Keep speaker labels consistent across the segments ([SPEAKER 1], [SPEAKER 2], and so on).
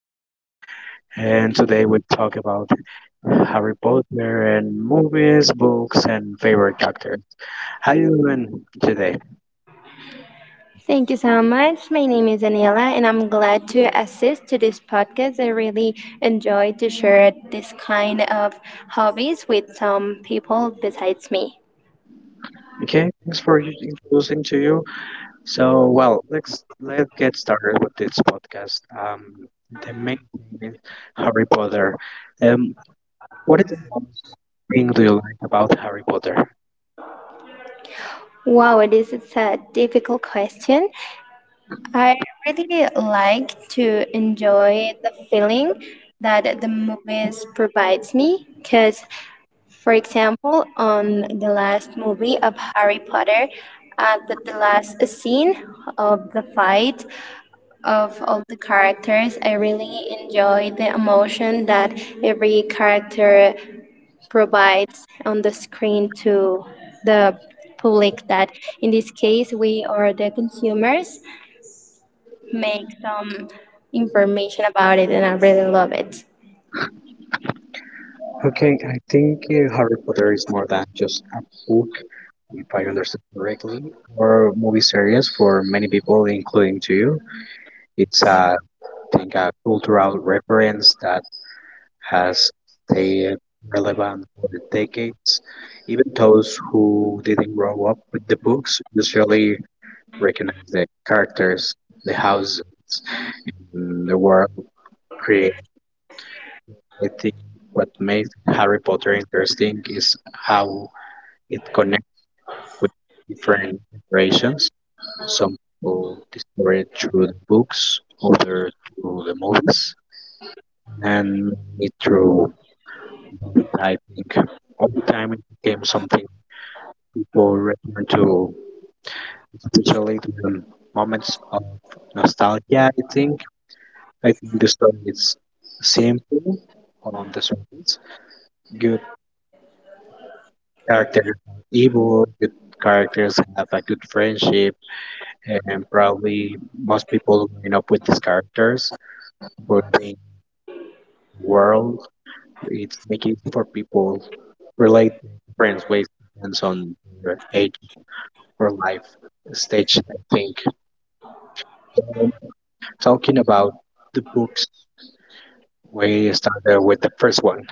[SPEAKER 1] Efren, and today we talk about Harry Potter and movies, books, and favorite characters. How you doing today?
[SPEAKER 2] Thank you so much. My name is Anila, and I'm glad to assist to this podcast. I really enjoy to share this kind of hobbies with some people besides me.
[SPEAKER 1] Okay, thanks for introducing to you. Let's get started with this podcast. The main thing is Harry Potter. Um, what is the most thing do you like about Harry Potter?
[SPEAKER 2] Wow, this is a difficult question. I really like to enjoy the feeling that the movies provides me because, for example, on the last movie of harry potter at the last scene of the fight of all the characters. I really enjoy the emotion that every character provides on the screen to the public that in this case we or the consumers make some information about it, and I really love it.
[SPEAKER 1] Okay, I think Harry Potter is more than just a book, if I understood correctly, or movie series for many people, including to you. It's a, I think, a cultural reference that has stayed relevant for decades. Even those who didn't grow up with the books usually recognize the characters, the houses, and the world created. I think what makes Harry Potter interesting is how it connects with different generations. Some people discover it through the books, others through the movies, and me through typing. Over time, it became something people return to, especially during moments of nostalgia. I think the story is simple on the surface. Good characters are evil. Good characters have a good friendship, and probably most people growing up with these characters Burdein World is making for people relate friends ways depends on their age or life stage, I think. Um, Talking about the books, we started with the first one.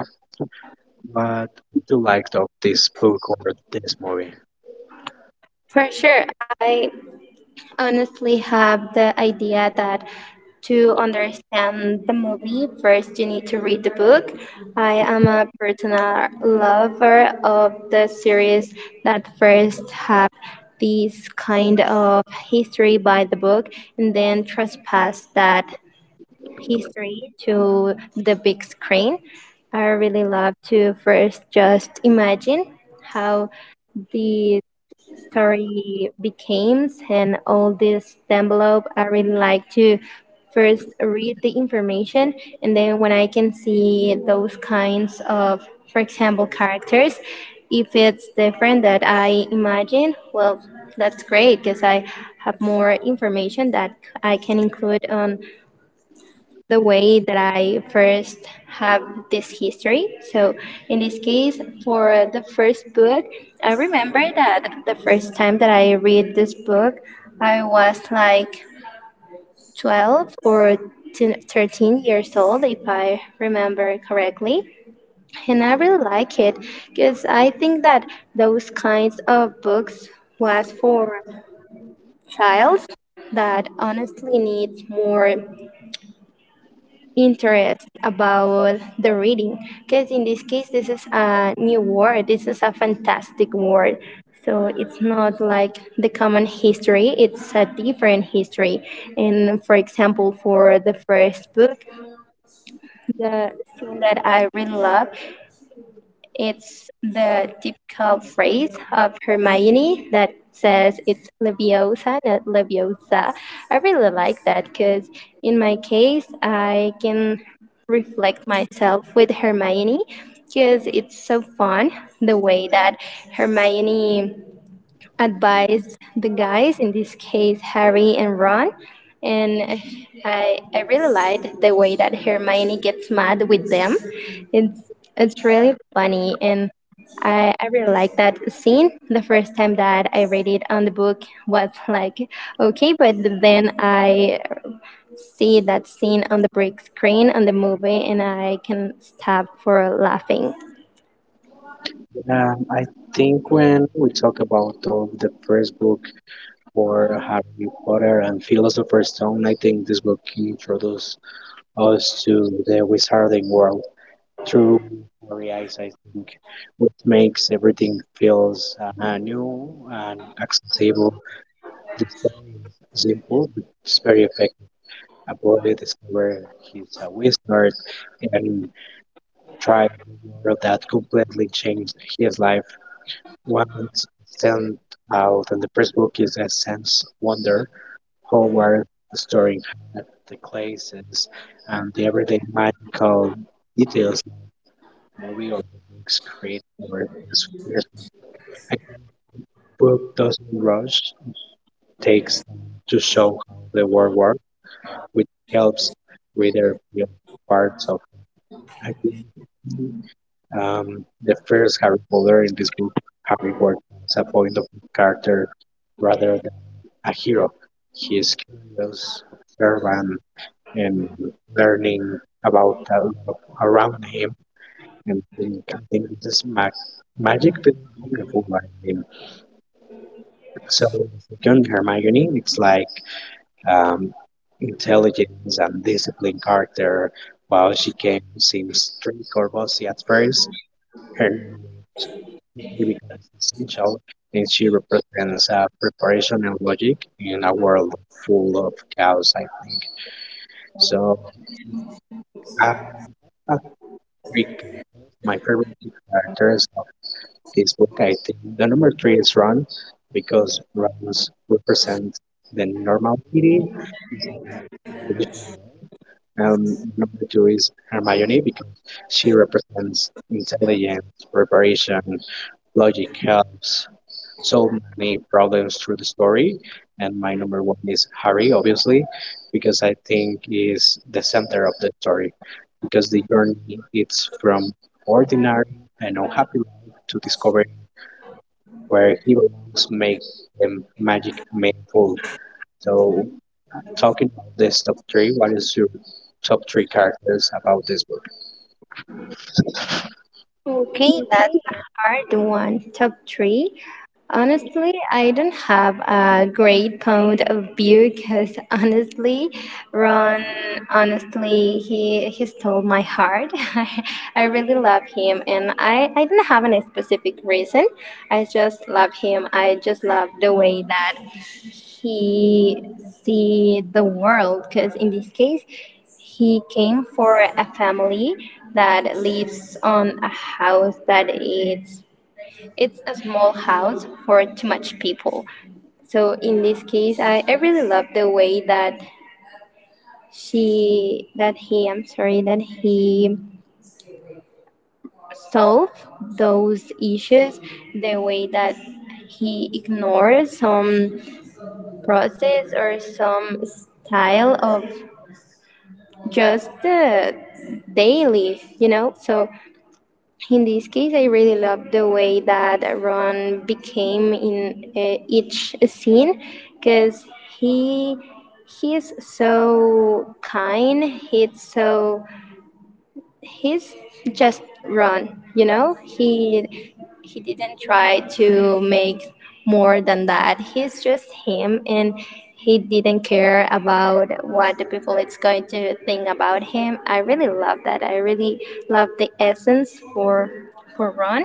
[SPEAKER 1] What did you like of this book or this movie?
[SPEAKER 2] For sure, I honestly have the idea that to understand the movie, first you need to read the book. I am a personal lover of the series that first have this kind of history by the book and then trespass that history to the big screen. I really love to first just imagine how the story becomes and all this envelope. I really like to first read the information and then when I can see those kinds of, for example, characters, if it's different that I imagine, well, that's great because I have more information that I can include on the way that I first have this history. So, in this case, for the first book, I remember that the first time that I read this book, I was like 12 or 10 13 years old, if I remember correctly. And I really like it because I think that those kinds of books was for childs that honestly needs more interest about the reading, because in this case this is a new word, this is a fantastic word, so it's not like the common history, it's a different history. And for example, for the first book, the thing that I really love, it's the typical phrase of Hermione that says it's Leviosa, not Leviosa. I really like that because in my case, I can reflect myself with Hermione because it's so fun the way that Hermione advise the guys, in this case, Harry and Ron. And I really liked the way that Hermione gets mad with them. It's, it's really funny. And I really like that scene. The first time that I read it on the book was like, okay, but then I see that scene on the big screen on the movie and I can stop for laughing.
[SPEAKER 1] I think when we talk about of the first book for Harry Potter and Philosopher's Stone, I think this book introduced us to the wizarding world through blurry eyes, I think, which makes everything feels new and accessible. The story is simple, but it's very effective. A boy discovers he's a wizard and tries a world that completely changed his life. One stands out in the first book is a sense of wonder, Howard storing the clay and the everyday magical details movie or books create more atmospheres. A book doesn't rush, it takes time to show how the world works, which helps reader feel parts of I think. The first Harry Potter in this book, Harry works as a point of view character rather than a hero. He is curious, observant, and learning about the world around him and think, I think this is magic but beautiful. I mean, so the second Hermione, it's like um, intelligence and disciplined character. While she can seem strict or bossy at first, her naivety becomes essential, and she represents preparation and logic in a world full of chaos. I think so. Um, a three my favorite characters of this book. I think the number three is Ron because Ron's represents the normality. Number two is Hermione because she represents intelligence, preparation, logic helps solve many problems through the story. And my number one is Harry, obviously, because I think is the center of the story. Because the journey it's from ordinary and unhappy life to discovering where he belongs make the magic meaningful. So talking about this top three, what is your top three characters about this book?
[SPEAKER 2] Okay, that's a hard one. Top three. Honestly, I don't have a great point of view because honestly, Ron, honestly, he stole my heart. I really love him, and I don't have any specific reason. I just love him. I just love the way that he see the world. Because in this case, he came for a family that lives on a house that is, it's a small house for too much people. So in this case, I really love the way that she that he I'm sorry that he solved those issues, the way that he ignored some process or some style of just the daily, you know. So in this case, I really love the way that Ron became in each scene because he he's so kind. He's just Ron, you know. He didn't try to make more than that. He's just him, and he didn't care about what the people it's going to think about him. I really love that. I really love the essence for Ron.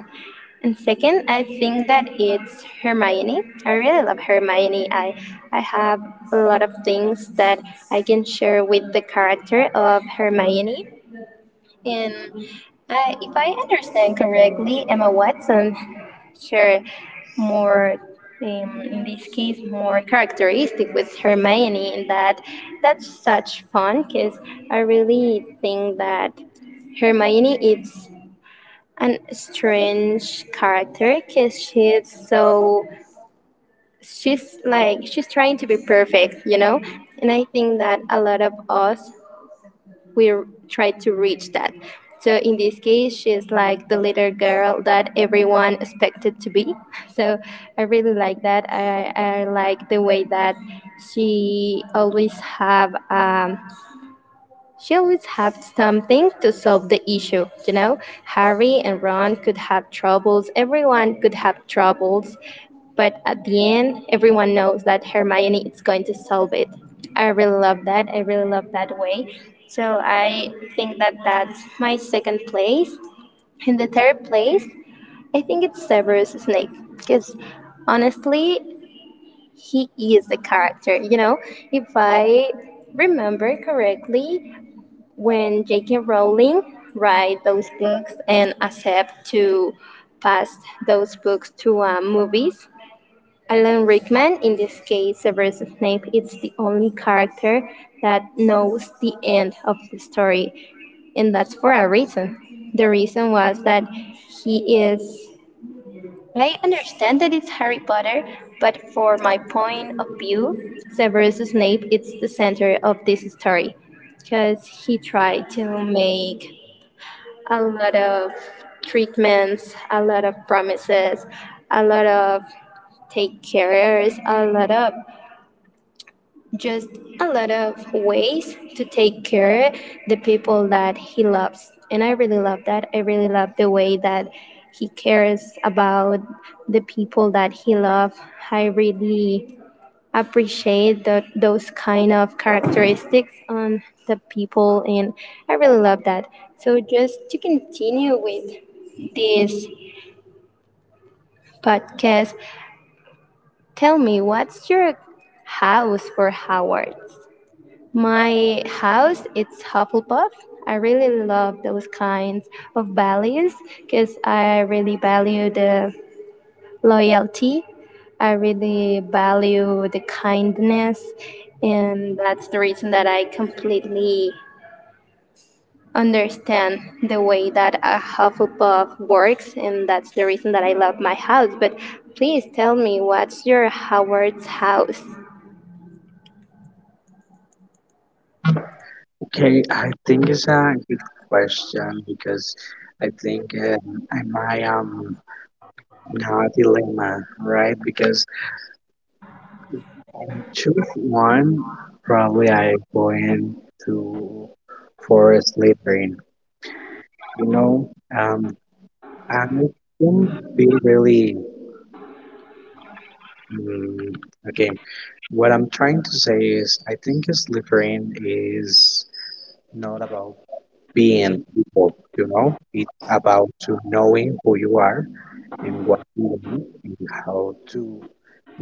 [SPEAKER 2] And second, I think that it's Hermione. I really love Hermione. I have a lot of things that I can share with the character of Hermione. And I, if I understand correctly, Emma Watson share more, in this case, more characteristic with Hermione, and that's such fun because I really think that Hermione is an strange character because she's like she's trying to be perfect, you know, and I think that a lot of us, we r- try to reach that. So in this case, she's like the little girl that everyone expected to be. So I really like that. I like the way that she always have she always had something to solve the issue, you know? Harry and Ron could have troubles, everyone could have troubles, but at the end, everyone knows that Hermione is going to solve it. I really love that. I really love that way. So I think that that's my second place. In the third place, I think it's Severus Snape, because honestly, he is the character, you know? If I remember correctly, when J.K. Rowling write those books and accept to pass those books to movies. Alan Rickman, in this case, Severus Snape, is the only character that knows the end of the story, and that's for a reason. The reason was that he is. I understand that it's Harry Potter, but for my point of view, Severus Snape is the center of this story because he tried to make a lot of treatments, a lot of promises, a lot of take cares, a lot of just a lot of ways to take care the people that he loves. And I really love that. I really love the way that he cares about the people that he loves. I really appreciate those kind of characteristics on the people, and I really love that. So just to continue with this podcast. Tell me, what's your house for Howard? My house, it's Hufflepuff. I really love those kinds of values because I really value the loyalty. I really value the kindness. And that's the reason that I completely understand the way that a Hufflepuff works, and that's the reason that I love my house. But please tell me, what's your Howard's house?
[SPEAKER 1] Okay, I think it's a good question because I think am I in a dilemma, right? Because I choose one, probably I going to for Slytherin. You know, I can be really mm, okay. What I'm trying to say is, I think Slytherin is not about being people, you know, it's about to knowing who you are and what to learn and how to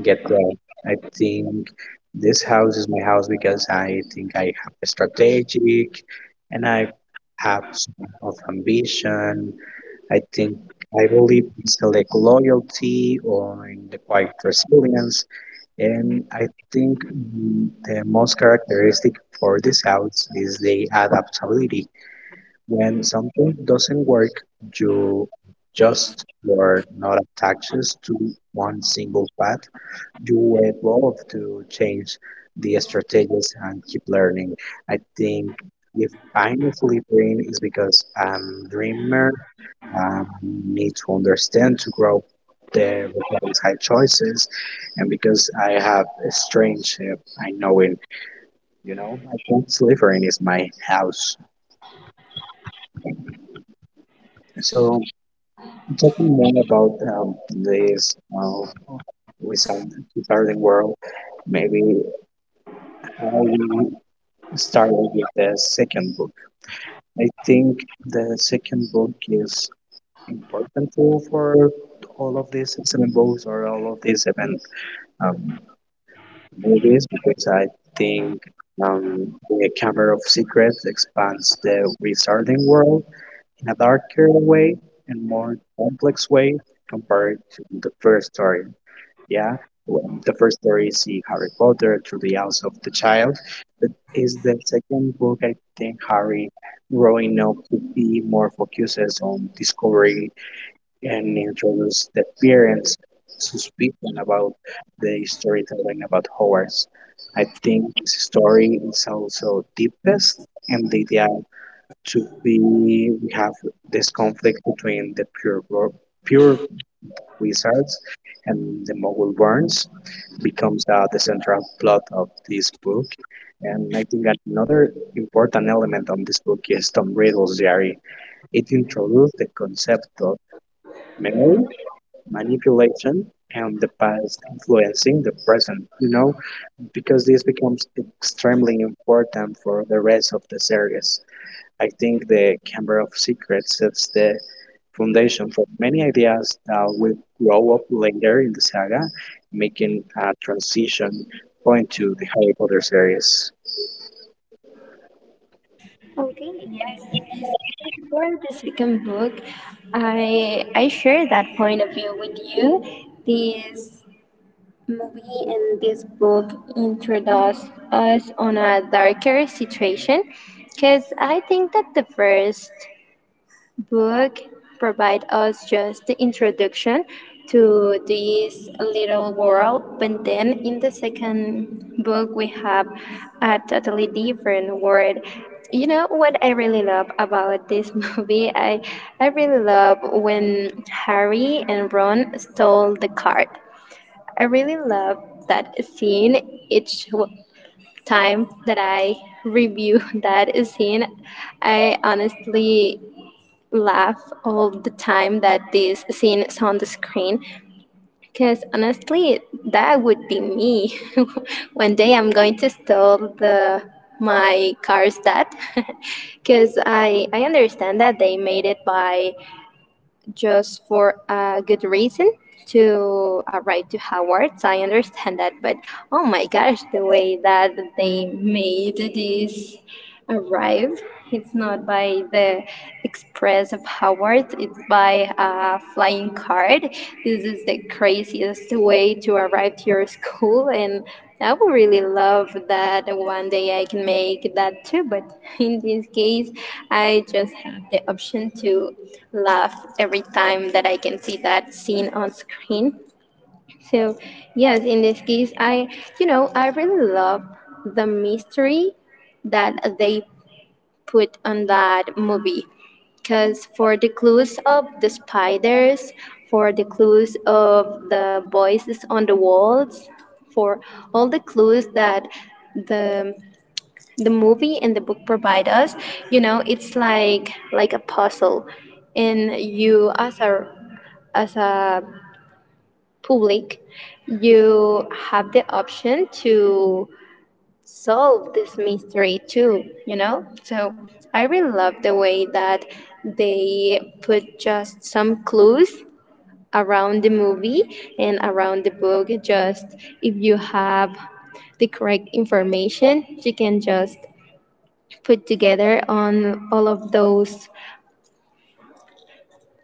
[SPEAKER 1] get there. I think this house is my house because I think I have a strategic and I have some of ambition. I think I believe in select loyalty or in the quiet resilience. And I think the most characteristic for this house is the adaptability. When something doesn't work, you just you're not attached to one single path. You evolve to change the strategies and keep learning. I think if I'm a fully brain is because I'm dreamer. I need to understand to grow the requires high choices, and because I have a strange, I know it. You know, I think Slytherin is my house. So talking more about this without regarding world, maybe I will start with the second book. I think the second book is important too for all of these excellent books or all of these even um, movies because I think the Chamber of Secrets expands the wizarding world in a darker way and more complex way compared to the first story. Yeah, when the first story is see Harry Potter through the eyes of the child, but is the second book I think Harry growing up to be more focuses on discovery and introduce the parents' suspicion about the storytelling about Hogwarts. I think this story is also deepest and the idea to be we have this conflict between the pure wizards and the Muggle burns becomes the central plot of this book. And I think that another important element of this book is Tom Riddle's diary. It introduced the concept of memory, manipulation, and the past influencing the present, you know, because this becomes extremely important for the rest of the series. I think the Chamber of Secrets sets the foundation for many ideas that will grow up later in the saga, making a transition point to the Harry Potter series.
[SPEAKER 2] Okay, yes. In this case, for the second book. I share that point of view with you. This movie and this book introduce us on a darker situation because I think that the first book provide us just the introduction to this little world, but then in the second book we have a totally different world. You know what I really love about this movie, I really love when Harry and Ron stole the card. I really love that scene. Each time that I review that scene, I honestly laugh all the time that this scene is on the screen, because honestly that would be me. One day I'm going to steal the my car's dad. Because I understand that they made it by just for a good reason to arrive to Howard's. I understand that, but oh my gosh, the way that they made this arrive. It's not by the express of Howard, it's by a flying card. This is the craziest way to arrive to your school, and I would really love that one day I can make that too. But in this case, I just have the option to laugh every time that I can see that scene on screen. So, yes, in this case, I, you know, I really love the mystery that they put on that movie. Because for the clues of the spiders, for the clues of the voices on the walls, for all the clues that the the movie and the book provide us, you know, it's like a puzzle, and you as a as a public, you have the option to solve this mystery too, you know? So I really love the way that they put just some clues around the movie and around the book. Just if you have the correct information, you can just put together on all of those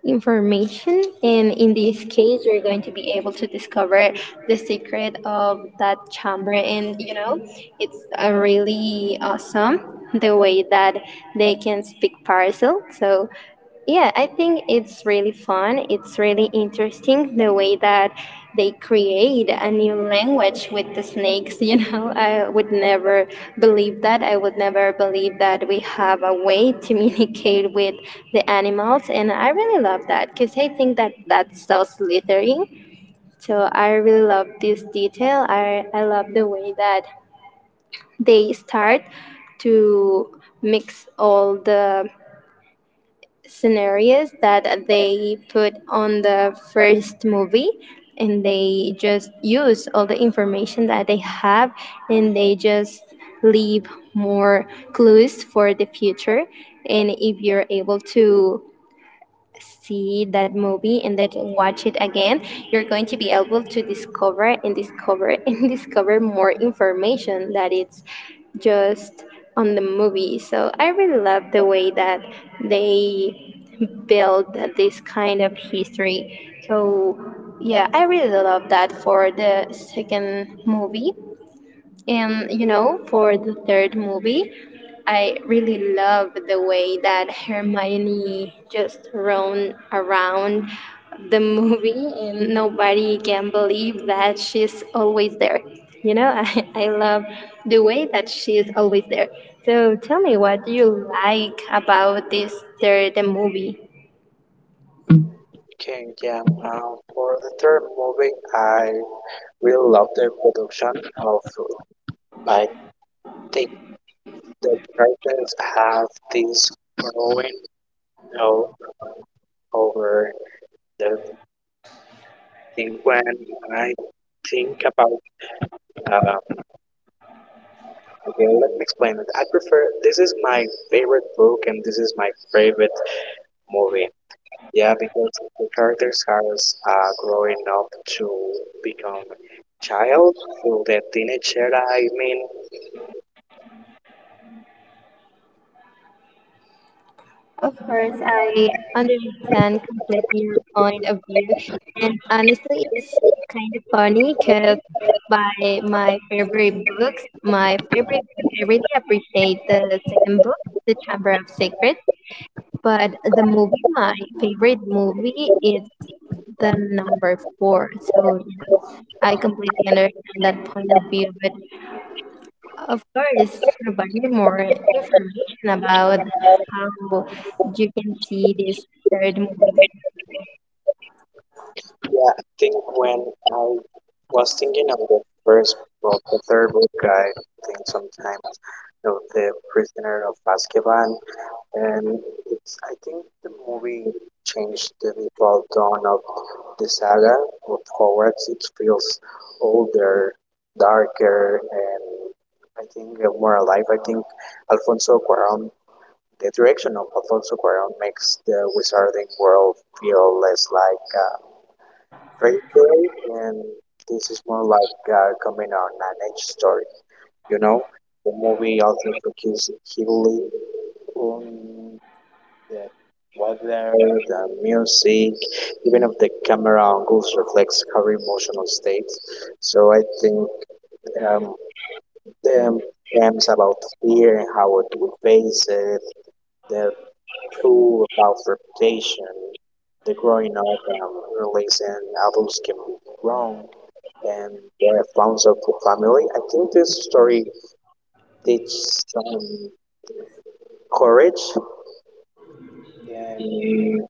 [SPEAKER 2] information, and in this case you're going to be able to discover the secret of that chamber, and you know it's really awesome the way that they can speak parcel. So yeah, I think it's really fun. It's really interesting the way that they create a new language with the snakes. You know, I would never believe that. I would never believe that we have a way to communicate with the animals. And I really love that because I think that that's so slithering. So I really love this detail. I love the way that they start to mix all the scenarios that they put on the first movie, and they just use all the information that they have, and they just leave more clues for the future. And if you're able to see that movie and then watch it again, you're going to be able to discover and discover and discover more information that it's just on the movie. So I really love the way that they build this kind of history. So yeah, I really love that for the second movie, and you know, for the third movie, I really love the way that Hermione just roamed around the movie and nobody can believe that she's always there. You know, I love the way that she's always there. So tell me, what do you like about this third movie?
[SPEAKER 1] Okay, yeah. For the third movie, I really love the production of. I think the characters have this growing o- over the first book. I think when I think about uh, okay, let me explain it. I prefer this is my favorite book and this is my favorite movie. Yeah, because the characters are growing up to become child through the teenage era. I mean,
[SPEAKER 2] Of course, I understand completely your point of view. And honestly, it's kind of funny because by my favorite books, my favorite book, I really appreciate the second book, The Chamber of Secrets. But the movie, my favorite movie, is the number four. So, you know, I completely understand that point of view. But of course, provide me more information about how you can see this third movie.
[SPEAKER 1] yeah, I think when I was thinking of the first book, the third book, I think sometimes of the Prisoner of Azkaban, and it's I think the movie changed the default tone of the saga of Hogwarts. It feels older, darker, and I think more alive. I think Alfonso Cuarón, the direction of Alfonso Cuarón makes the wizarding world feel less like a fairy tale, and this is more like coming on an edge story. You know, the movie also focuses heavily on yeah, whether the music, even if the camera angles reflects her emotional state. So I think um, the themes about fear and how it we face it, the tool about reputation, the growing up and releasing adults can be wrong, and the founds of family. I think this story teaches some courage and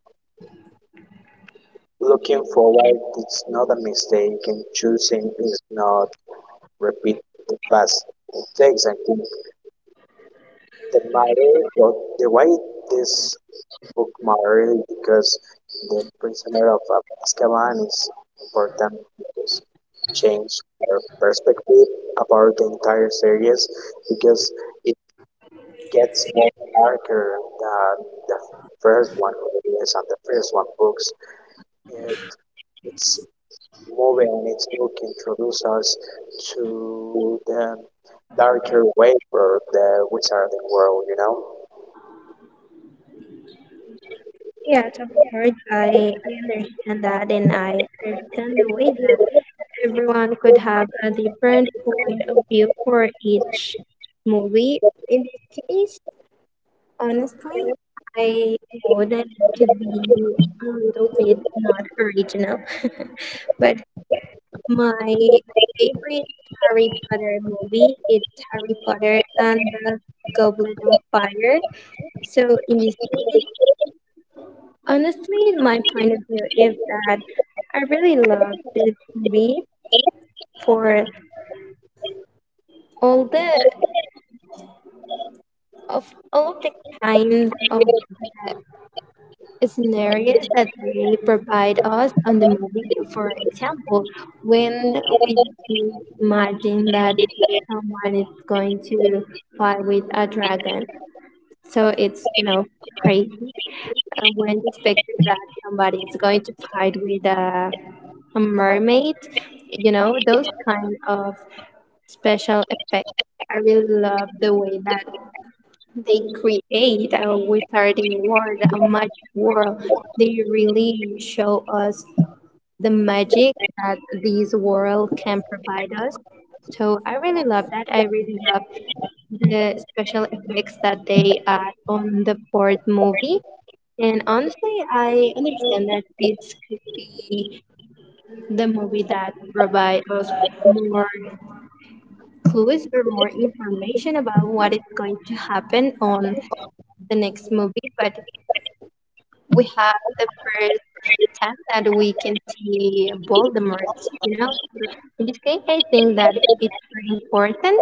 [SPEAKER 1] looking forward is not a mistake and choosing is not repeat the past mistakes. I think the matter, but the why this book matter is because the prisoner of Azkaban is important because it changed our perspective about the entire series because it gets more darker than the first one, yes, and the first one books. Uh, It's movie and its book introduce us to the darker way for the wizarding world, you know?
[SPEAKER 2] Yes, of course, I understand that, and I understand the way that everyone could have a different point of view for each movie. In this case, honestly, I know that it could be a little bit not original, but my favorite Harry Potter movie is Harry Potter and the Goblet of Fire. So in this case, honestly, my point of view is that I really love this movie for all the of all of the kinds of scenarios that they provide us on the movie. For example, when we do imagine that someone is going to fight with a dragon. So it's, you know, crazy when you expected that somebody is going to fight with a mermaid. You know, those kind of special effects. I really love the way that they create a wizarding world, a magic world. They really show us the magic that this world can provide us. So I really love that. I really love the special effects that they add on the fourth movie. And honestly, I understand that this could be the movie that provide us more clues or more information about what is going to happen on the next movie. But we have the first time that we can see Voldemort, you know. So in this case, I think that it's very important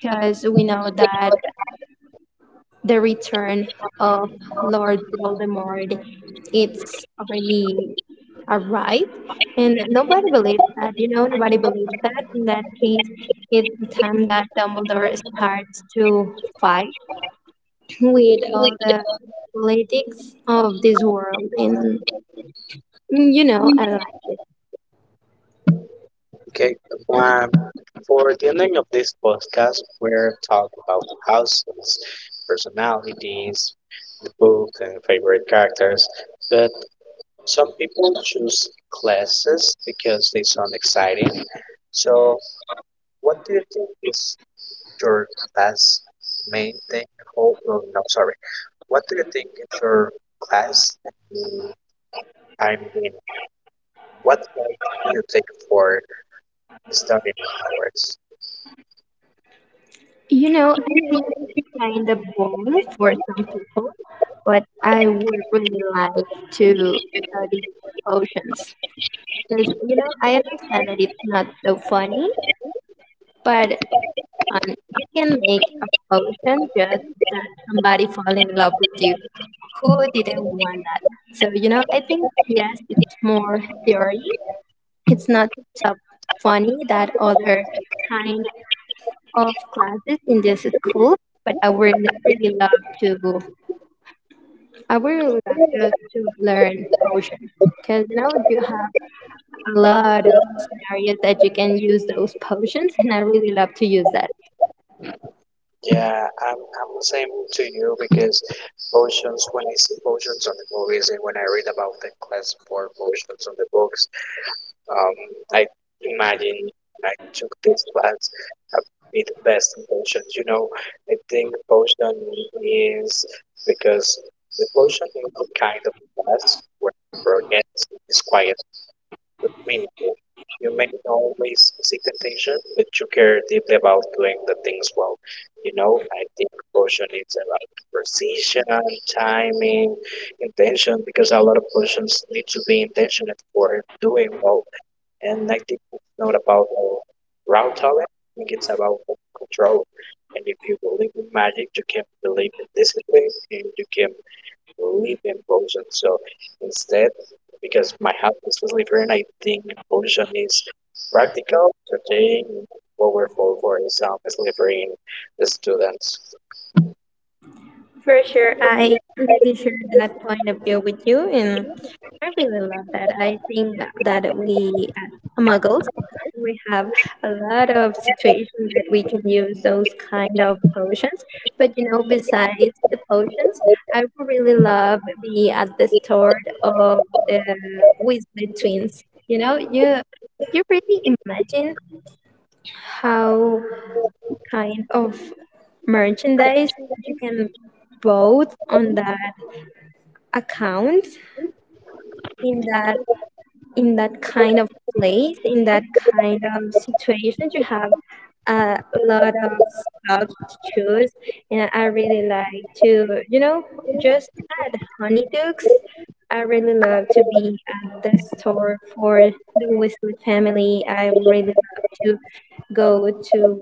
[SPEAKER 2] because we know that the return of Lord Voldemort, it's already arrived, and nobody believes that. You know, nobody believes that. In that case, it's the time that Dumbledore starts to fight with all the politics of this world, and you know, I like it.
[SPEAKER 1] Okay, um, for the ending of this podcast, we're talking about houses, personalities, the book, and favorite characters. But some people choose classes because they sound exciting. So, what do you think is your class main thing? Oh, no, no, sorry. What do you think of your class and the I mean, what form do you take for studying hours?
[SPEAKER 2] You know, I think it's kind of boring for some people, but I would really like to study potions. Because, you know, I understand that it's not so funny, but you can make a potion just that somebody fall in love with you. Who didn't want that? So, you know, I think, yes, it's more theory. It's not so funny that other kind of classes in this school, but I would really love to, I would really love to learn potion. Because, you know, you have a lot of scenarios that you can use those potions, and I really love to use that.
[SPEAKER 1] Yeah, I'm the same to you because potions when I see potions on the movies and when I read about the class for potions on the books, um, I imagine I took this class, I'd be the best in potions. You know, I think potion is because the potion is the kind of class where progress is quiet I mean, you may always seek attention, but you care deeply about doing the things well. You know, I think caution is about precision, timing, intention, because a lot of questions need to be intentional for doing well. And I think it's not about raw talent, I think it's about control. And if you believe in magic, you can believe in discipline and you can believe in potion. So instead, because my house is living. I think pollution is practical today. What we're for is delivering the students.
[SPEAKER 2] For sure, I really share that point of view with you, and I really love that. I think that we, as muggles, we have a lot of situations that we can use those kind of potions. But you know, besides the potions, I would really love be at the store of the Weasley twins. You know, you really imagine how kind of merchandise you can both on that account in that in that kind of place, in that kind of situation. You have a lot of stuff to choose, and I really like to, you know, just add Honeydukes. I really love to be at the store for the Weasley family. I really love to go to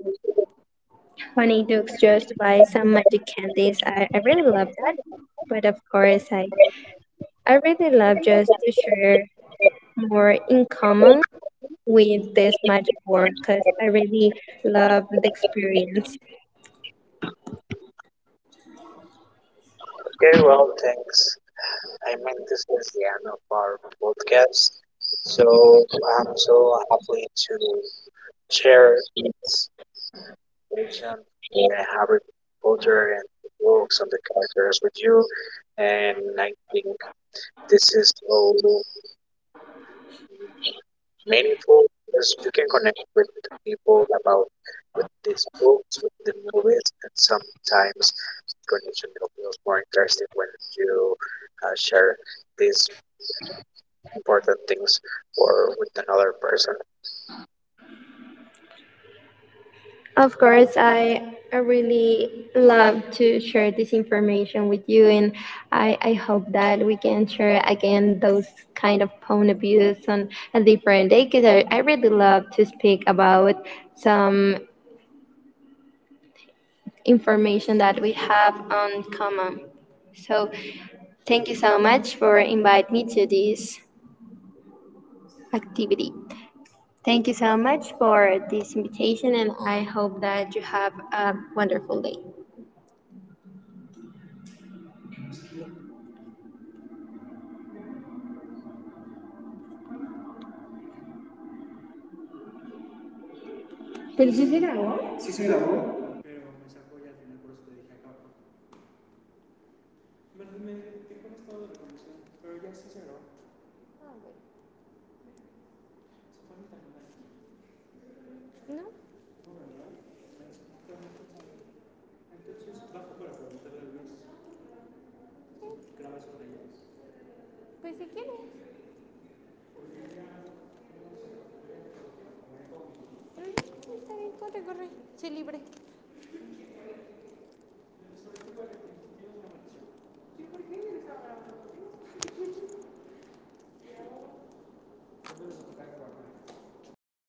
[SPEAKER 2] Honeydukes just by some magic candies. I really love that. But of course, I really love just to share more in common with this magic world because I really love the experience.
[SPEAKER 1] Okay, well, thanks. I mean, this is the end of our podcast. So I'm so happy to share this vision and Harry Potter and books on the characters with you. And I think this is all meaningful is you can connect with people about with these books, with the movies, and sometimes connection feels more interesting when you share these important things or with another person.
[SPEAKER 2] Of course, I really love to share this information with you, and I hope that we can share again those kind of point of views on a different day because I really love to speak about some information
[SPEAKER 1] Hola,
[SPEAKER 2] that we
[SPEAKER 1] hola, hola,
[SPEAKER 2] have
[SPEAKER 1] hola,
[SPEAKER 2] on
[SPEAKER 1] hola.
[SPEAKER 2] common. So thank you so much for invite me to this activity. Thank you so much for this invitation, and I hope that you have a wonderful day.